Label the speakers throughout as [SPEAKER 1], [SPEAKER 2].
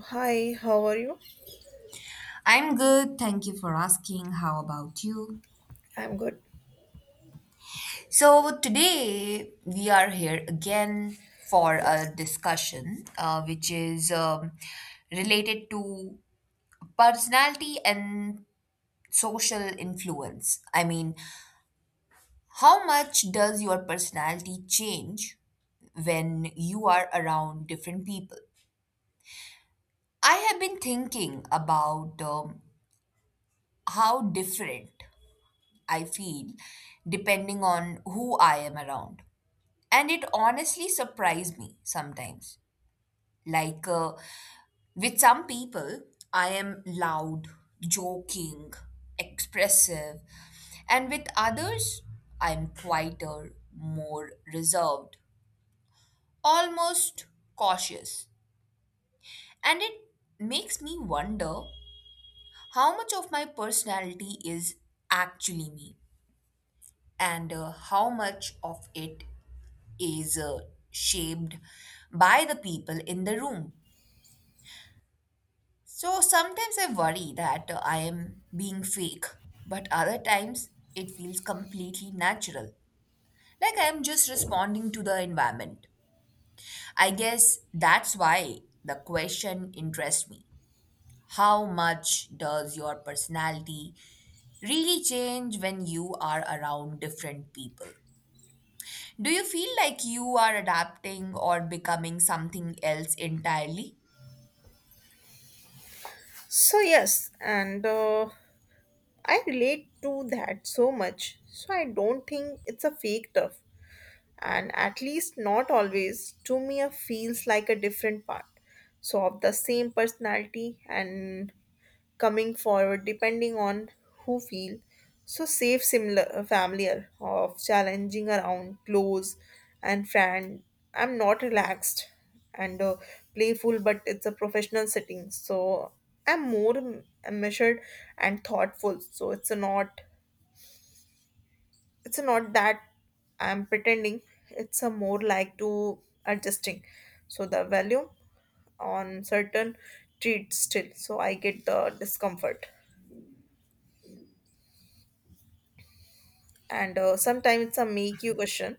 [SPEAKER 1] Hi, how are you?
[SPEAKER 2] I'm good. Thank you for asking. How about you?
[SPEAKER 1] I'm good.
[SPEAKER 2] So, today we are here again for a
[SPEAKER 1] Yes.
[SPEAKER 2] discussion which is related to personality and social influence. I mean, how much does your personality change when you are around different people? I have been thinking about how different I feel depending on who I am around. And it honestly surprised me sometimes. Like uh, with some people, I am loud, joking, expressive. And with others, I'm quieter, more reserved, almost cautious. And it makes me wonder how much of my personality is actually me and how much of it is shaped by the people in the room. So sometimes I worry that I am being fake, but other times it feels completely natural. Like I am just responding to the environment. I guess that's why the question interests me. How much does your personality really change when you are around different people? Do you feel like you are adapting or becoming something else entirely?
[SPEAKER 1] So, yes, and I relate to that so much. So, I don't think it's a fake tough. And at least not always, to me feels like a different part. So of the same personality and coming forward depending on who feel. So safe similar familiar of challenging around close and friend. I'm not relaxed and playful, but it's a professional setting. So I'm more measured and thoughtful. So it's not that I'm pretending, it's a more like to adjusting. So the volume on certain treats still, so I get the discomfort. And sometimes it's a make you question,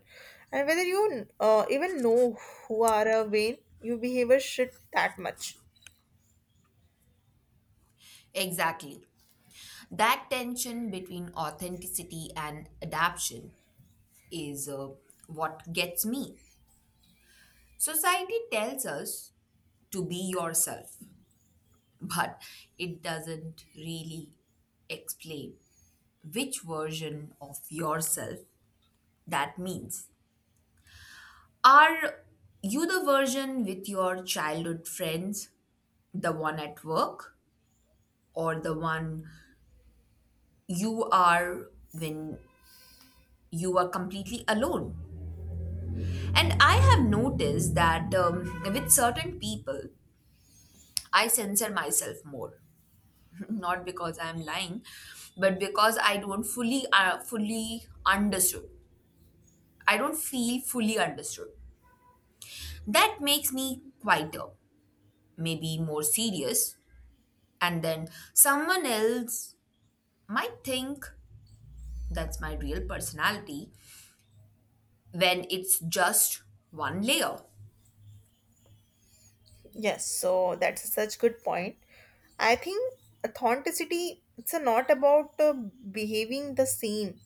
[SPEAKER 1] and whether you even know who are a vain, you behavior shit that much.
[SPEAKER 2] Exactly. That tension between authenticity and adaptation is what gets me. Society tells us to be yourself, but it doesn't really explain which version of yourself that means. Are you the version with your childhood friends, the one at work, or the one you are when you are completely alone? And I have noticed that with certain people, I censor myself more. Not because I'm lying, but because I don't fully, fully understood. I don't feel fully understood. That makes me quieter, maybe more serious. And then someone else might think that's my real personality when it's just one layer.
[SPEAKER 1] Yes, so that's such good point. I think authenticity it's a not about behaving the same.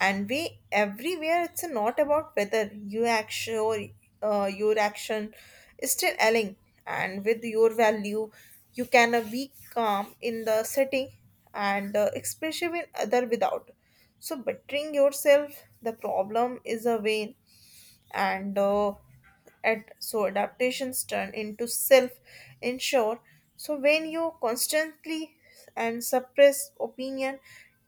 [SPEAKER 1] And we everywhere it's not about whether you action or your action is still aligning and with your value you can be calm in the setting and expressive in other without so bettering yourself the problem is a way and at so adaptations turn into self insure so when you constantly and suppress opinion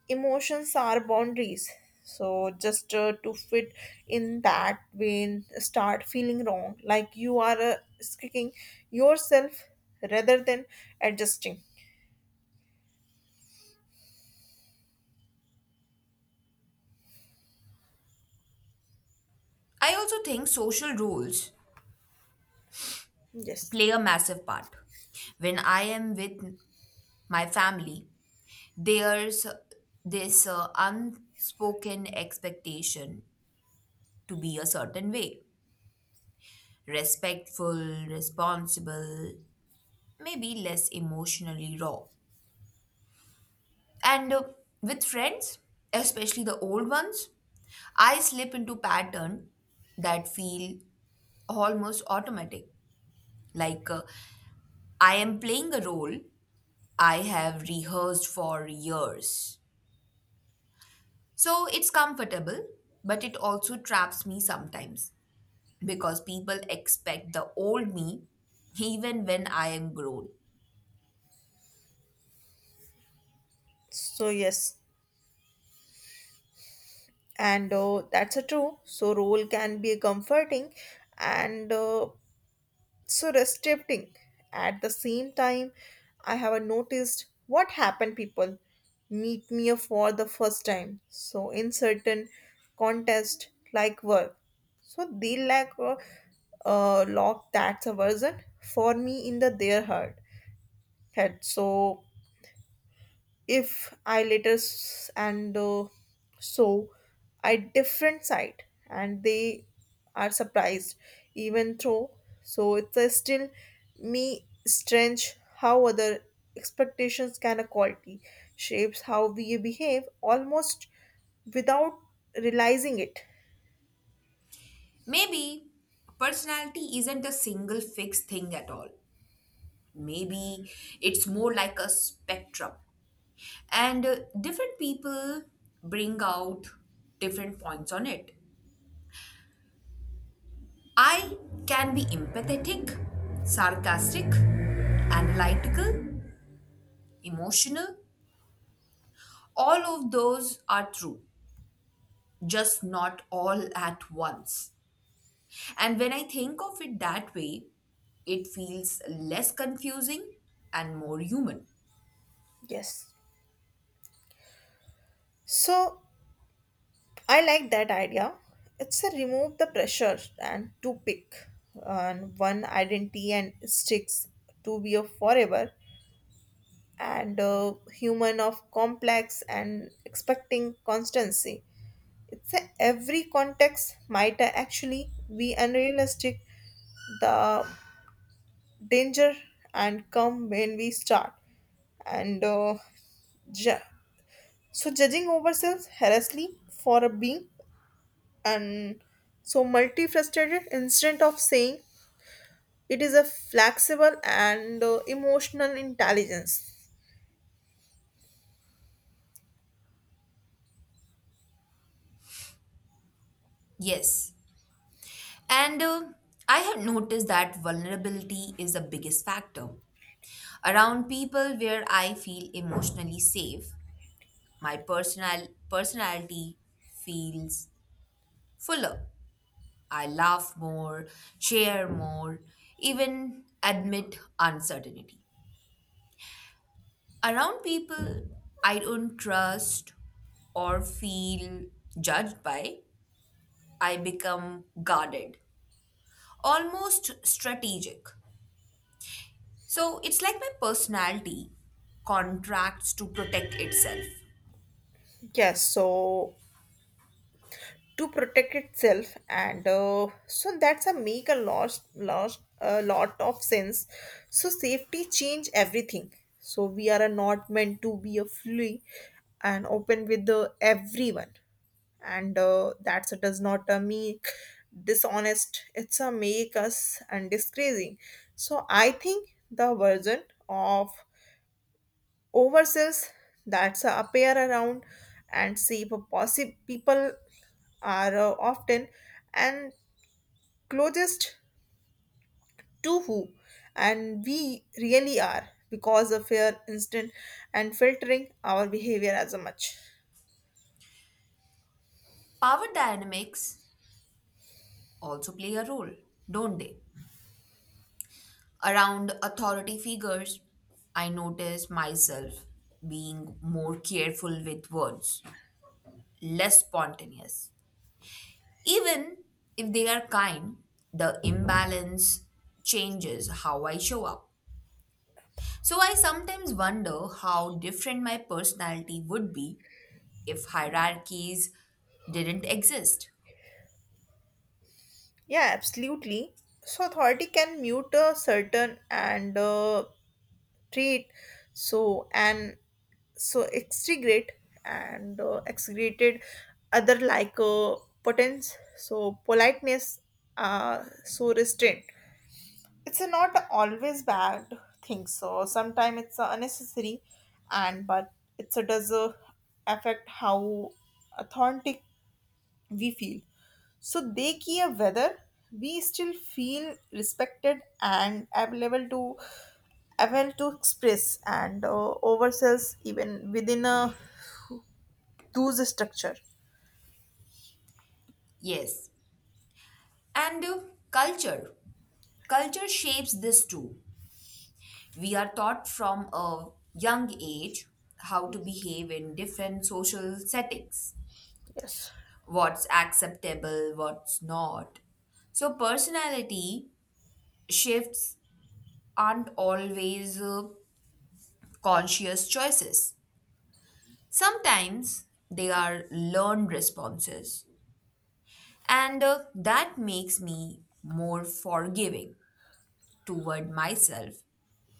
[SPEAKER 1] emotions are boundaries so just to fit in that vein start feeling wrong like you are kicking yourself rather than adjusting
[SPEAKER 2] I also think social rules
[SPEAKER 1] yes
[SPEAKER 2] play a massive part. When I am with my family, there's this unspoken expectation to be a certain way: respectful, responsible, maybe less emotionally raw. And with friends, especially the old ones, I slip into pattern that feel almost automatic. Like uh, I am playing a role I have rehearsed for years. So it's comfortable, but it also traps me sometimes because people expect the old me even when I am grown.
[SPEAKER 1] so yes, and that's a true. So role can be comforting, and so restricting. At the same time, I have noticed what happened people meet me for the first time. So in certain contest like work, so they lack a lock that's a version for me in the their heart. Head. So if I later and so a different side, and they are surprised, even though so it's a still me strange how other expectations can a quality shapes how we behave almost without realizing it.
[SPEAKER 2] Maybe personality isn't a single fixed thing at all. Maybe it's more like a spectrum, and different people bring out different points on it. I can be empathetic, sarcastic, analytical, emotional. All of those are true, just not all at once. And when I think of it that way, it feels less confusing and more human.
[SPEAKER 1] Yes. So I like that idea. It's a remove the pressure and to pick on one identity and sticks to be a forever and a human of complex and expecting constancy. It's a, every context might actually be unrealistic. The danger and come when we start and ju- so judging ourselves harshly for a being and so multifaceted instead of saying it is a flexible and emotional intelligence
[SPEAKER 2] Yes. And I have noticed that vulnerability is the biggest factor. Around people where I feel emotionally safe, my personal personality feels fuller. I laugh more, share more, even admit uncertainty. Around people I don't trust or feel judged by, I become guarded, almost strategic. So it's like my personality contracts to protect itself.
[SPEAKER 1] yes so to protect itself and so that's a make a lot of sense so safety change everything so we are not meant to be a fully and open with the everyone and that so does not make dishonest it's a make us and disgracing so I think the version of oversells that's appear around and see if possible people are often and closest to who and we really are because of fear instant and filtering our behavior as a much
[SPEAKER 2] Power dynamics also play a role, don't they? Around authority figures, I notice myself being more careful with words, less spontaneous. Even if they are kind, the imbalance changes how I show up. So I sometimes wonder how different my personality would be if hierarchies didn't exist.
[SPEAKER 1] Yeah, absolutely. So authority can mute a certain and treat so and so extrigate and execrated other like potence so politeness so restraint. It's a not always bad thing. So sometimes it's unnecessary and but it's a does affect how authentic we feel. So they care whether we still feel respected and available to express and ourselves even within a those structure.
[SPEAKER 2] Yes. And culture. Culture shapes this too. We are taught from a young age how to
[SPEAKER 1] Yes.
[SPEAKER 2] behave in different social settings,
[SPEAKER 1] Yes.
[SPEAKER 2] what's acceptable, what's not. So personality shifts aren't always conscious choices. Sometimes they are learned responses, and that makes me more forgiving toward myself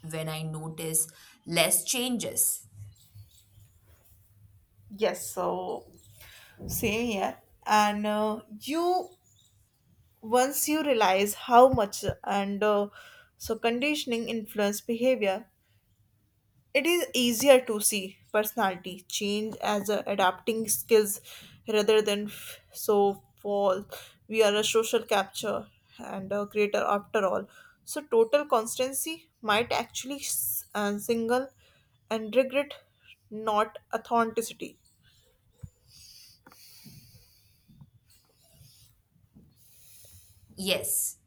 [SPEAKER 2] when I notice less changes.
[SPEAKER 1] Yes. So same here. And you once you realize how much and so conditioning influence behavior It is easier to see personality change as a adapting skills rather than so fall. We are a social capture and a creator after all. So total constancy might actually single and regret not authenticity.
[SPEAKER 2] Yes,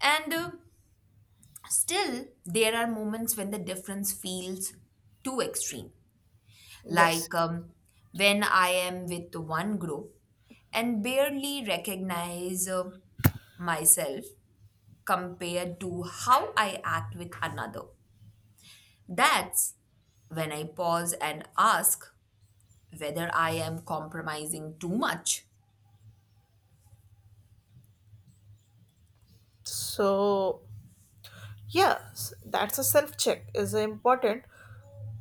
[SPEAKER 2] and still there are moments when the difference feels too extreme,
[SPEAKER 1] Yes.
[SPEAKER 2] like when I am with one group and barely recognize myself compared to how I act with another. That's when I pause and ask whether I am compromising too much.
[SPEAKER 1] So yes, that's a self check is important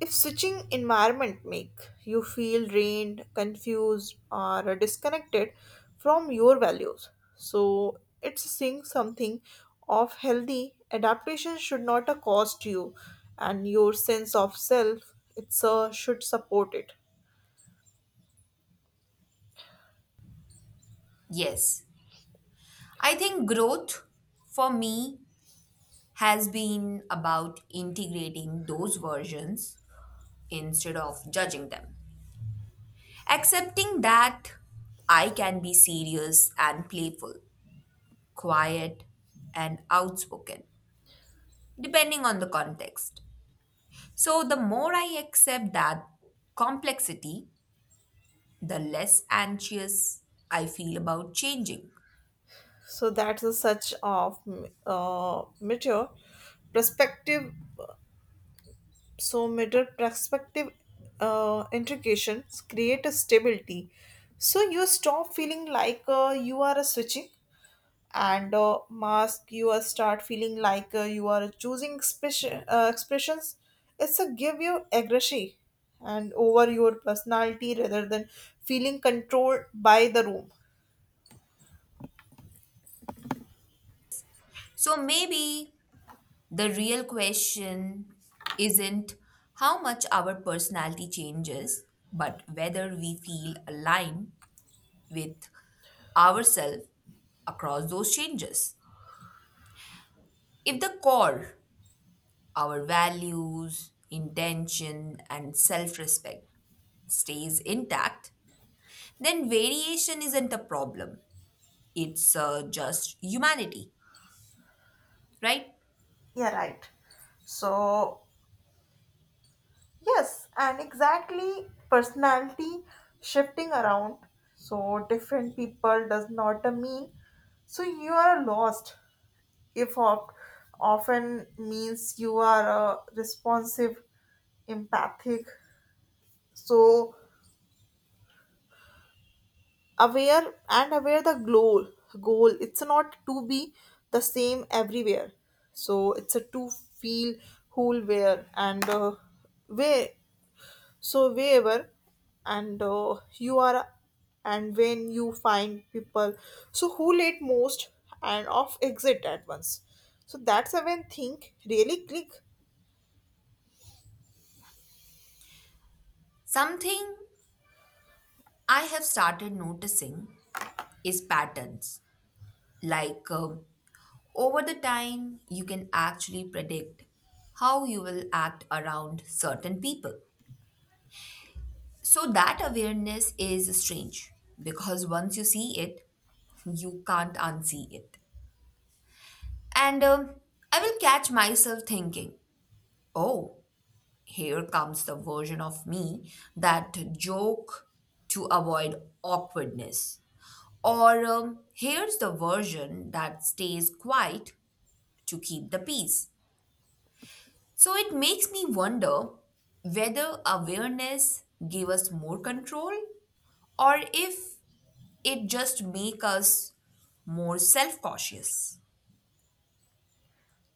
[SPEAKER 1] If switching environment make you feel drained, confused or disconnected from your values, so it's saying something of healthy adaptation should not a cost you and your sense of self it's a should support it.
[SPEAKER 2] Yes, I think growth for me has been about integrating those versions instead of judging them. Accepting that I can be serious and playful, quiet and outspoken, depending on the context. So the more I accept that complexity, the less anxious I feel about changing.
[SPEAKER 1] So that's a such of mature perspective so middle perspective integrations create a stability so you stop feeling like you are a switching and mask you are start feeling like you are choosing expressions it's a give you aggression and over your personality rather than feeling controlled by the room
[SPEAKER 2] So maybe the real question isn't how much our personality changes, but whether we feel aligned with ourselves across those changes. If the core, our values, intention, and self respect stays intact, then variation isn't a problem. It's just humanity, right?
[SPEAKER 1] yeah right so Yes, and exactly personality shifting around. So different people does not mean so you are lost. If often means you are responsive, empathic, so aware the goal. It's not to be the same everywhere. So it's a to feel whole where and where So wherever and you are and when you find people so who late most and off exit at once. So that's when think really click.
[SPEAKER 2] Something I have started noticing is patterns. Like over the time, you can actually predict how you will act around certain people. So that awareness is strange because once you see it, you can't unsee it. And I will catch myself thinking, oh, here comes the version of me that joke to avoid awkwardness. Or here's the version that stays quiet to keep the peace. So it makes me wonder whether awareness gave us more control or if it just make us more self-cautious.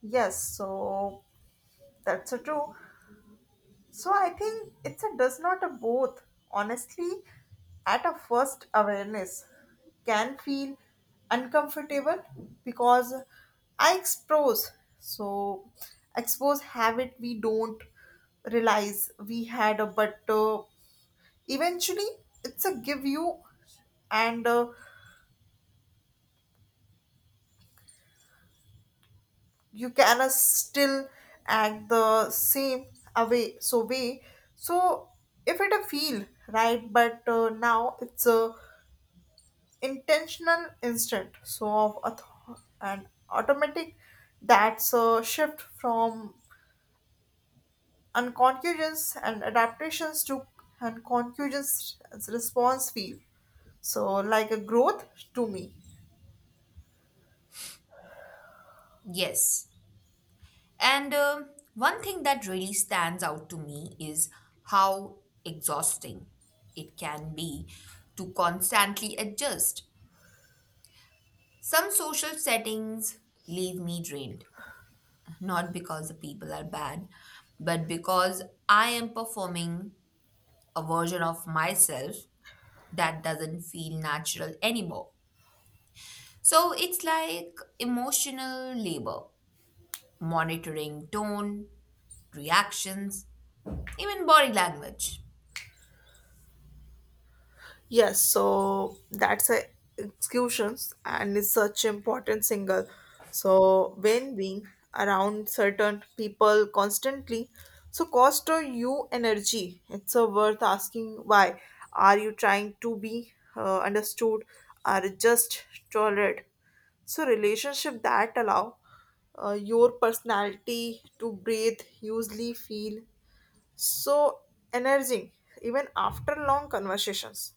[SPEAKER 1] Yes, so that's a true. So I think it's a does not a both. Honestly, at a first awareness can feel uncomfortable because I so expose habit we don't realize we had a but eventually it's a give you and you can still act the same away so way so if it a feel right but now it's a intentional instant so of and automatic that's a shift from unconscious and adaptations to unconscious response feel, so like a growth to me
[SPEAKER 2] Yes. And One thing that really stands out to me is how exhausting it can be to constantly adjust. Some social settings leave me drained, not because the people are bad, but because I am performing a version of myself that doesn't feel natural anymore. So it's like emotional labor, monitoring tone, reactions, even body language.
[SPEAKER 1] Yes, so that's a executions and is such important single. So when being around certain people constantly, so cost or you energy. It's a worth asking why. Are you trying to be understood? Or just tolerate? So relationship that allow your personality to breathe, usually feel so energizing even after long conversations.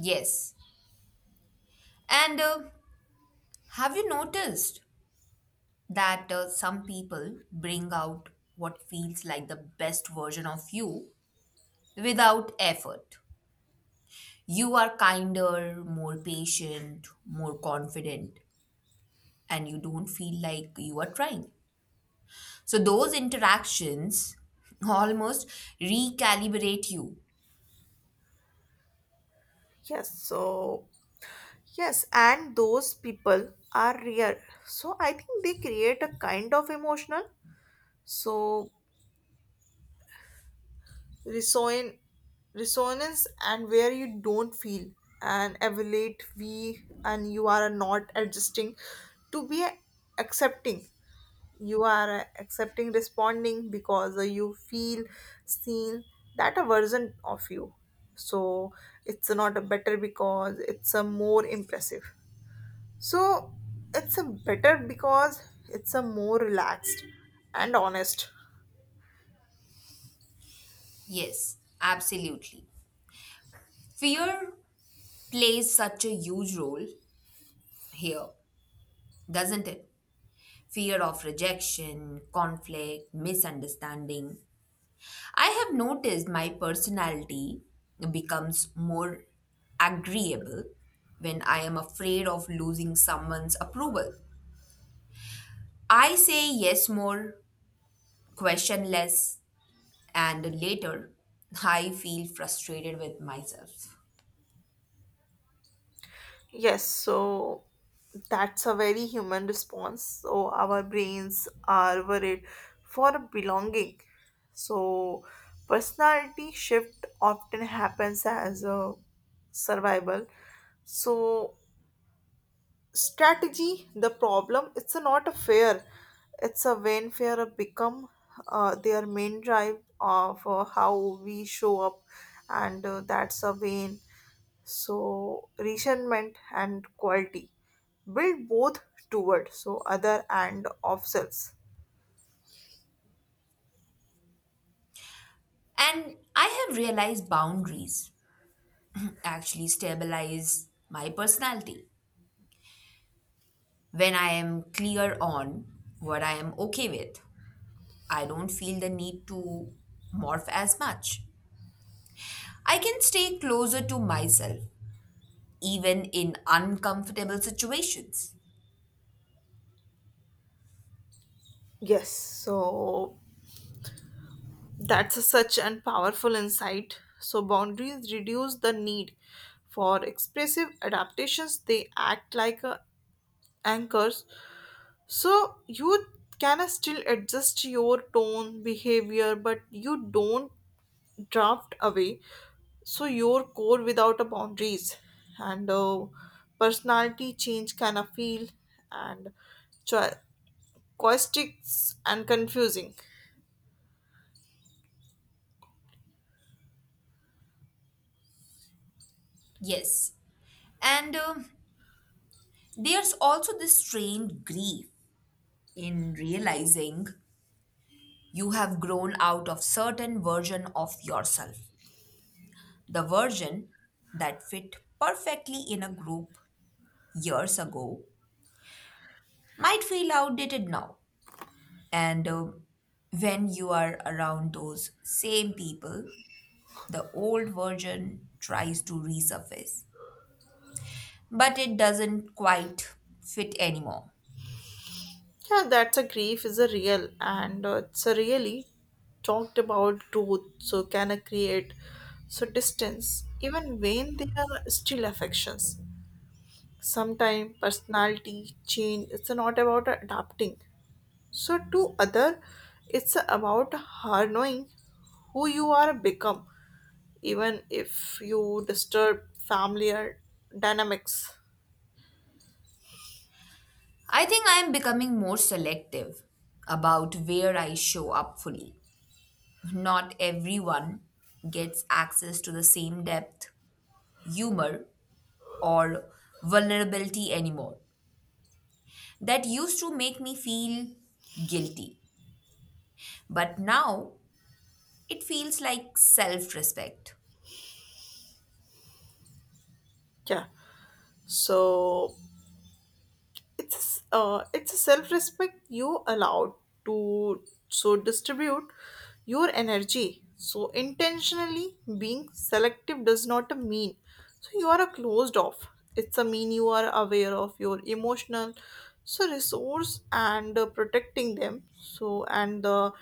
[SPEAKER 2] Yes. And have you noticed that some people bring out what feels like the best version of you without effort? You are kinder, more patient, more confident, and you don't feel like you are trying. So, those interactions almost recalibrate you.
[SPEAKER 1] Yes, so yes, and those people are real. So I think they create a kind of emotional so reson- resonance and where you don't feel and evaluate we and you are not adjusting to be accepting. You are accepting responding because you feel seen that a version of you. So it's not a better because it's a more impressive. So it's a better because it's a more relaxed and honest.
[SPEAKER 2] Yes, absolutely. Fear plays such a huge role here, doesn't it? Fear of rejection, conflict, misunderstanding. I have noticed my personality becomes more agreeable when I am afraid of losing someone's approval. I say yes more, question less, and later I feel frustrated with myself.
[SPEAKER 1] Yes, so that's a very human response. So our brains are worried for belonging. So personality shift often happens as a survival. So strategy the problem it's a not a fear it's a when fear have become their main drive of how we show up and that's a vain. So resentment and quality build both toward so other and of selves
[SPEAKER 2] And I have realized boundaries actually stabilize my personality when I am clear on what I am okay with. I don't feel the need to morph as much. I can stay closer to myself, even in uncomfortable situations.
[SPEAKER 1] yes so that's a such and powerful insight so boundaries reduce the need for expressive adaptations they act like anchors So you can still adjust your tone, behavior, but you don't draft away. So your core without a boundaries and personality change can feel and cho- caustic and confusing.
[SPEAKER 2] Yes. And There's also this strange grief in realizing you have grown out of certain version of yourself. The version that fit perfectly in a group years ago might feel outdated now. And when you are around those same people, the old version tries to resurface, but it doesn't quite fit anymore.
[SPEAKER 1] Yeah, that's a grief is a real and it's a really talked about growth. So can I create so distance even when they are still affections. Sometimes personality change it's not about adapting. So to other, it's about her knowing who you are become, even if you disturb familiar dynamics.
[SPEAKER 2] I think I am becoming more selective about where I show up fully. Not everyone gets access to the same depth, humor, or vulnerability anymore. That used to make me feel guilty, but now it feels like self respect.
[SPEAKER 1] Yeah. So it's a self-respect you allowed to so distribute your energy so intentionally being selective does not mean so you are a closed off it's a mean you are aware of your emotional so resource and protecting them so and the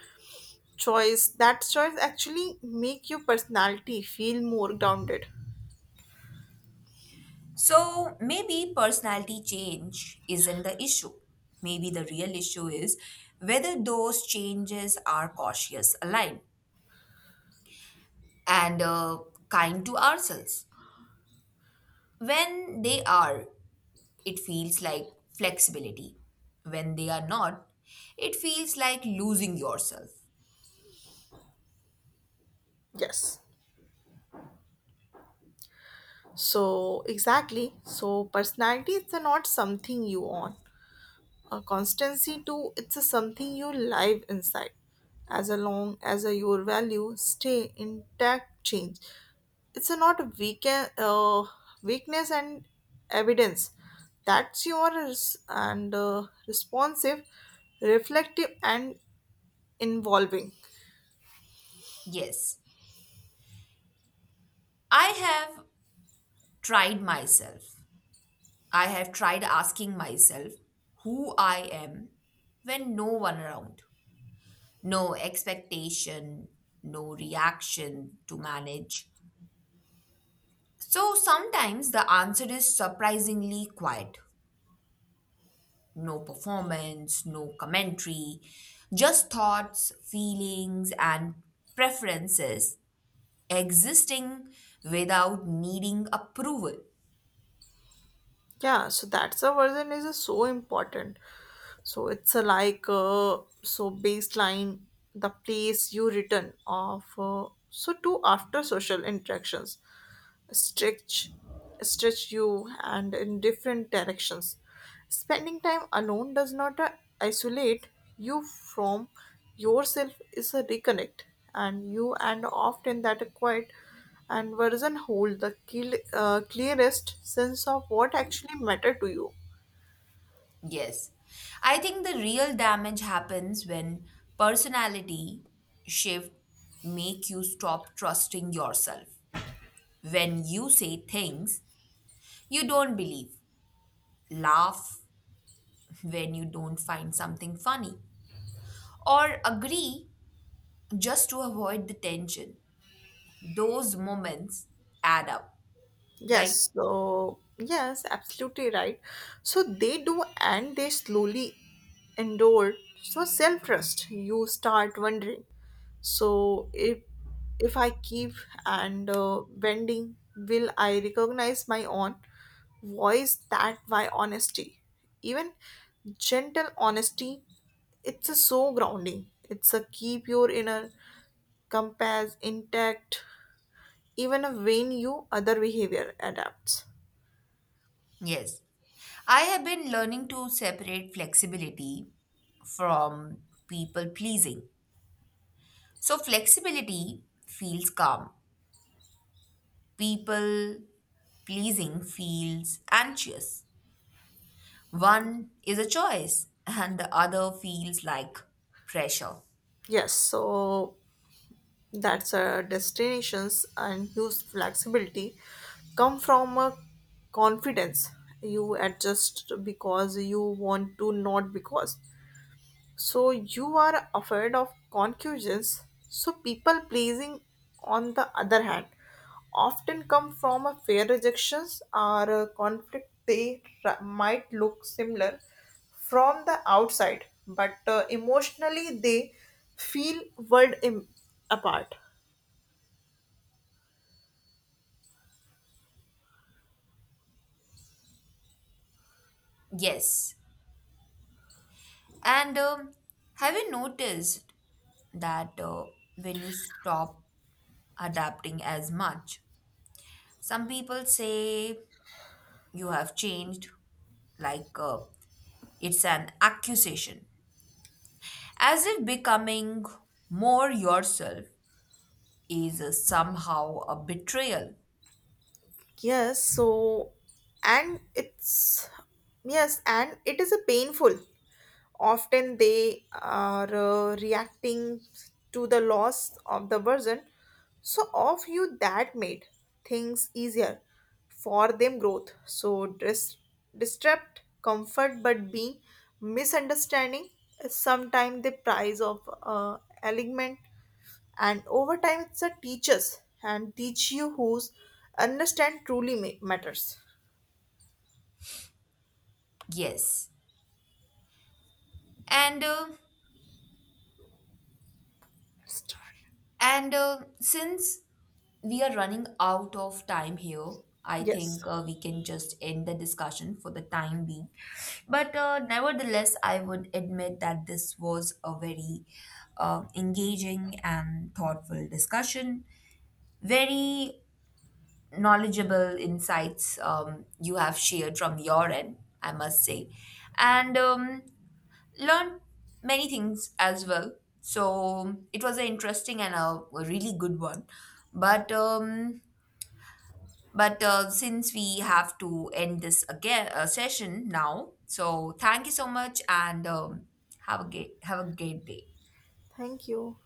[SPEAKER 1] choice that choice actually make your personality feel more grounded
[SPEAKER 2] So maybe personality change isn't the issue. Maybe the real issue is whether those changes are cautious, aligned, and kind to ourselves. When they are, it feels like flexibility. When they are not, it feels like losing yourself.
[SPEAKER 1] yes so exactly so personality is not something you own A constancy too, it's a something you live inside. As long as your value stay intact, change. It's a not a weakness and evidence. That's yours and responsive, reflective and involving.
[SPEAKER 2] Yes, I have tried myself. I have tried asking myself who I am when no one around, no expectation, no reaction to manage. So sometimes the answer is surprisingly quiet. No performance, no commentary, just thoughts, feelings, and preferences existing without needing approval.
[SPEAKER 1] Yeah, so that's a version is so important. So it's a like so baseline the place you return of so to after social interactions stretch stretch you and in different directions spending time alone does not isolate you from yourself is a reconnect and you and often that quiet and version hold the clearest sense of what actually matter to you
[SPEAKER 2] Yes, I think the real damage happens when personality shift make you stop trusting yourself, when you say things you don't believe, laugh when you don't find something funny, or agree just to avoid the tension. Those moments add up, right?
[SPEAKER 1] Yes, so yes, absolutely right. So they do, and they slowly endure. So self trust, you start wondering. So if I keep and bending, will I recognize my own voice? That why honesty, even gentle honesty, it's a so grounding. It's a keep your inner compass intact, even when you other behavior adapts.
[SPEAKER 2] Yes. I have been learning to separate flexibility from people pleasing. So, flexibility feels calm, people pleasing feels anxious. One is a choice, and the other feels like pressure.
[SPEAKER 1] Yes, so that's destinations and use flexibility come from a confidence. You adjust because you want to, not because. So you are afraid of conclusions. So people pleasing, on the other hand, often come from a fear rejections or a conflict. They might look similar from the outside, but emotionally they feel world apart.
[SPEAKER 2] Yes. And Have you noticed that when you stop adapting as much, some people say you have changed, like uh, it's an accusation, as if becoming more yourself is somehow a betrayal?
[SPEAKER 1] Yes, so and it's yes, and it is a painful. Often they are reacting to the loss of the version. So of you that made things easier for them growth. So disrupt comfort but being misunderstanding is sometimes the price of alignment and over time it's a teach you who's understand truly matters
[SPEAKER 2] Yes, and
[SPEAKER 1] Start.
[SPEAKER 2] since we are running out of time here, I
[SPEAKER 1] Yes
[SPEAKER 2] think we can just end the discussion for the time being. But nevertheless, I would admit that this was a very engaging and thoughtful discussion. Very knowledgeable insights you have shared from your end, I must say. And learned many things as well. So it was an interesting and a really good one. But since we have to end this again session now, so thank you so much and have a great day.
[SPEAKER 1] thank you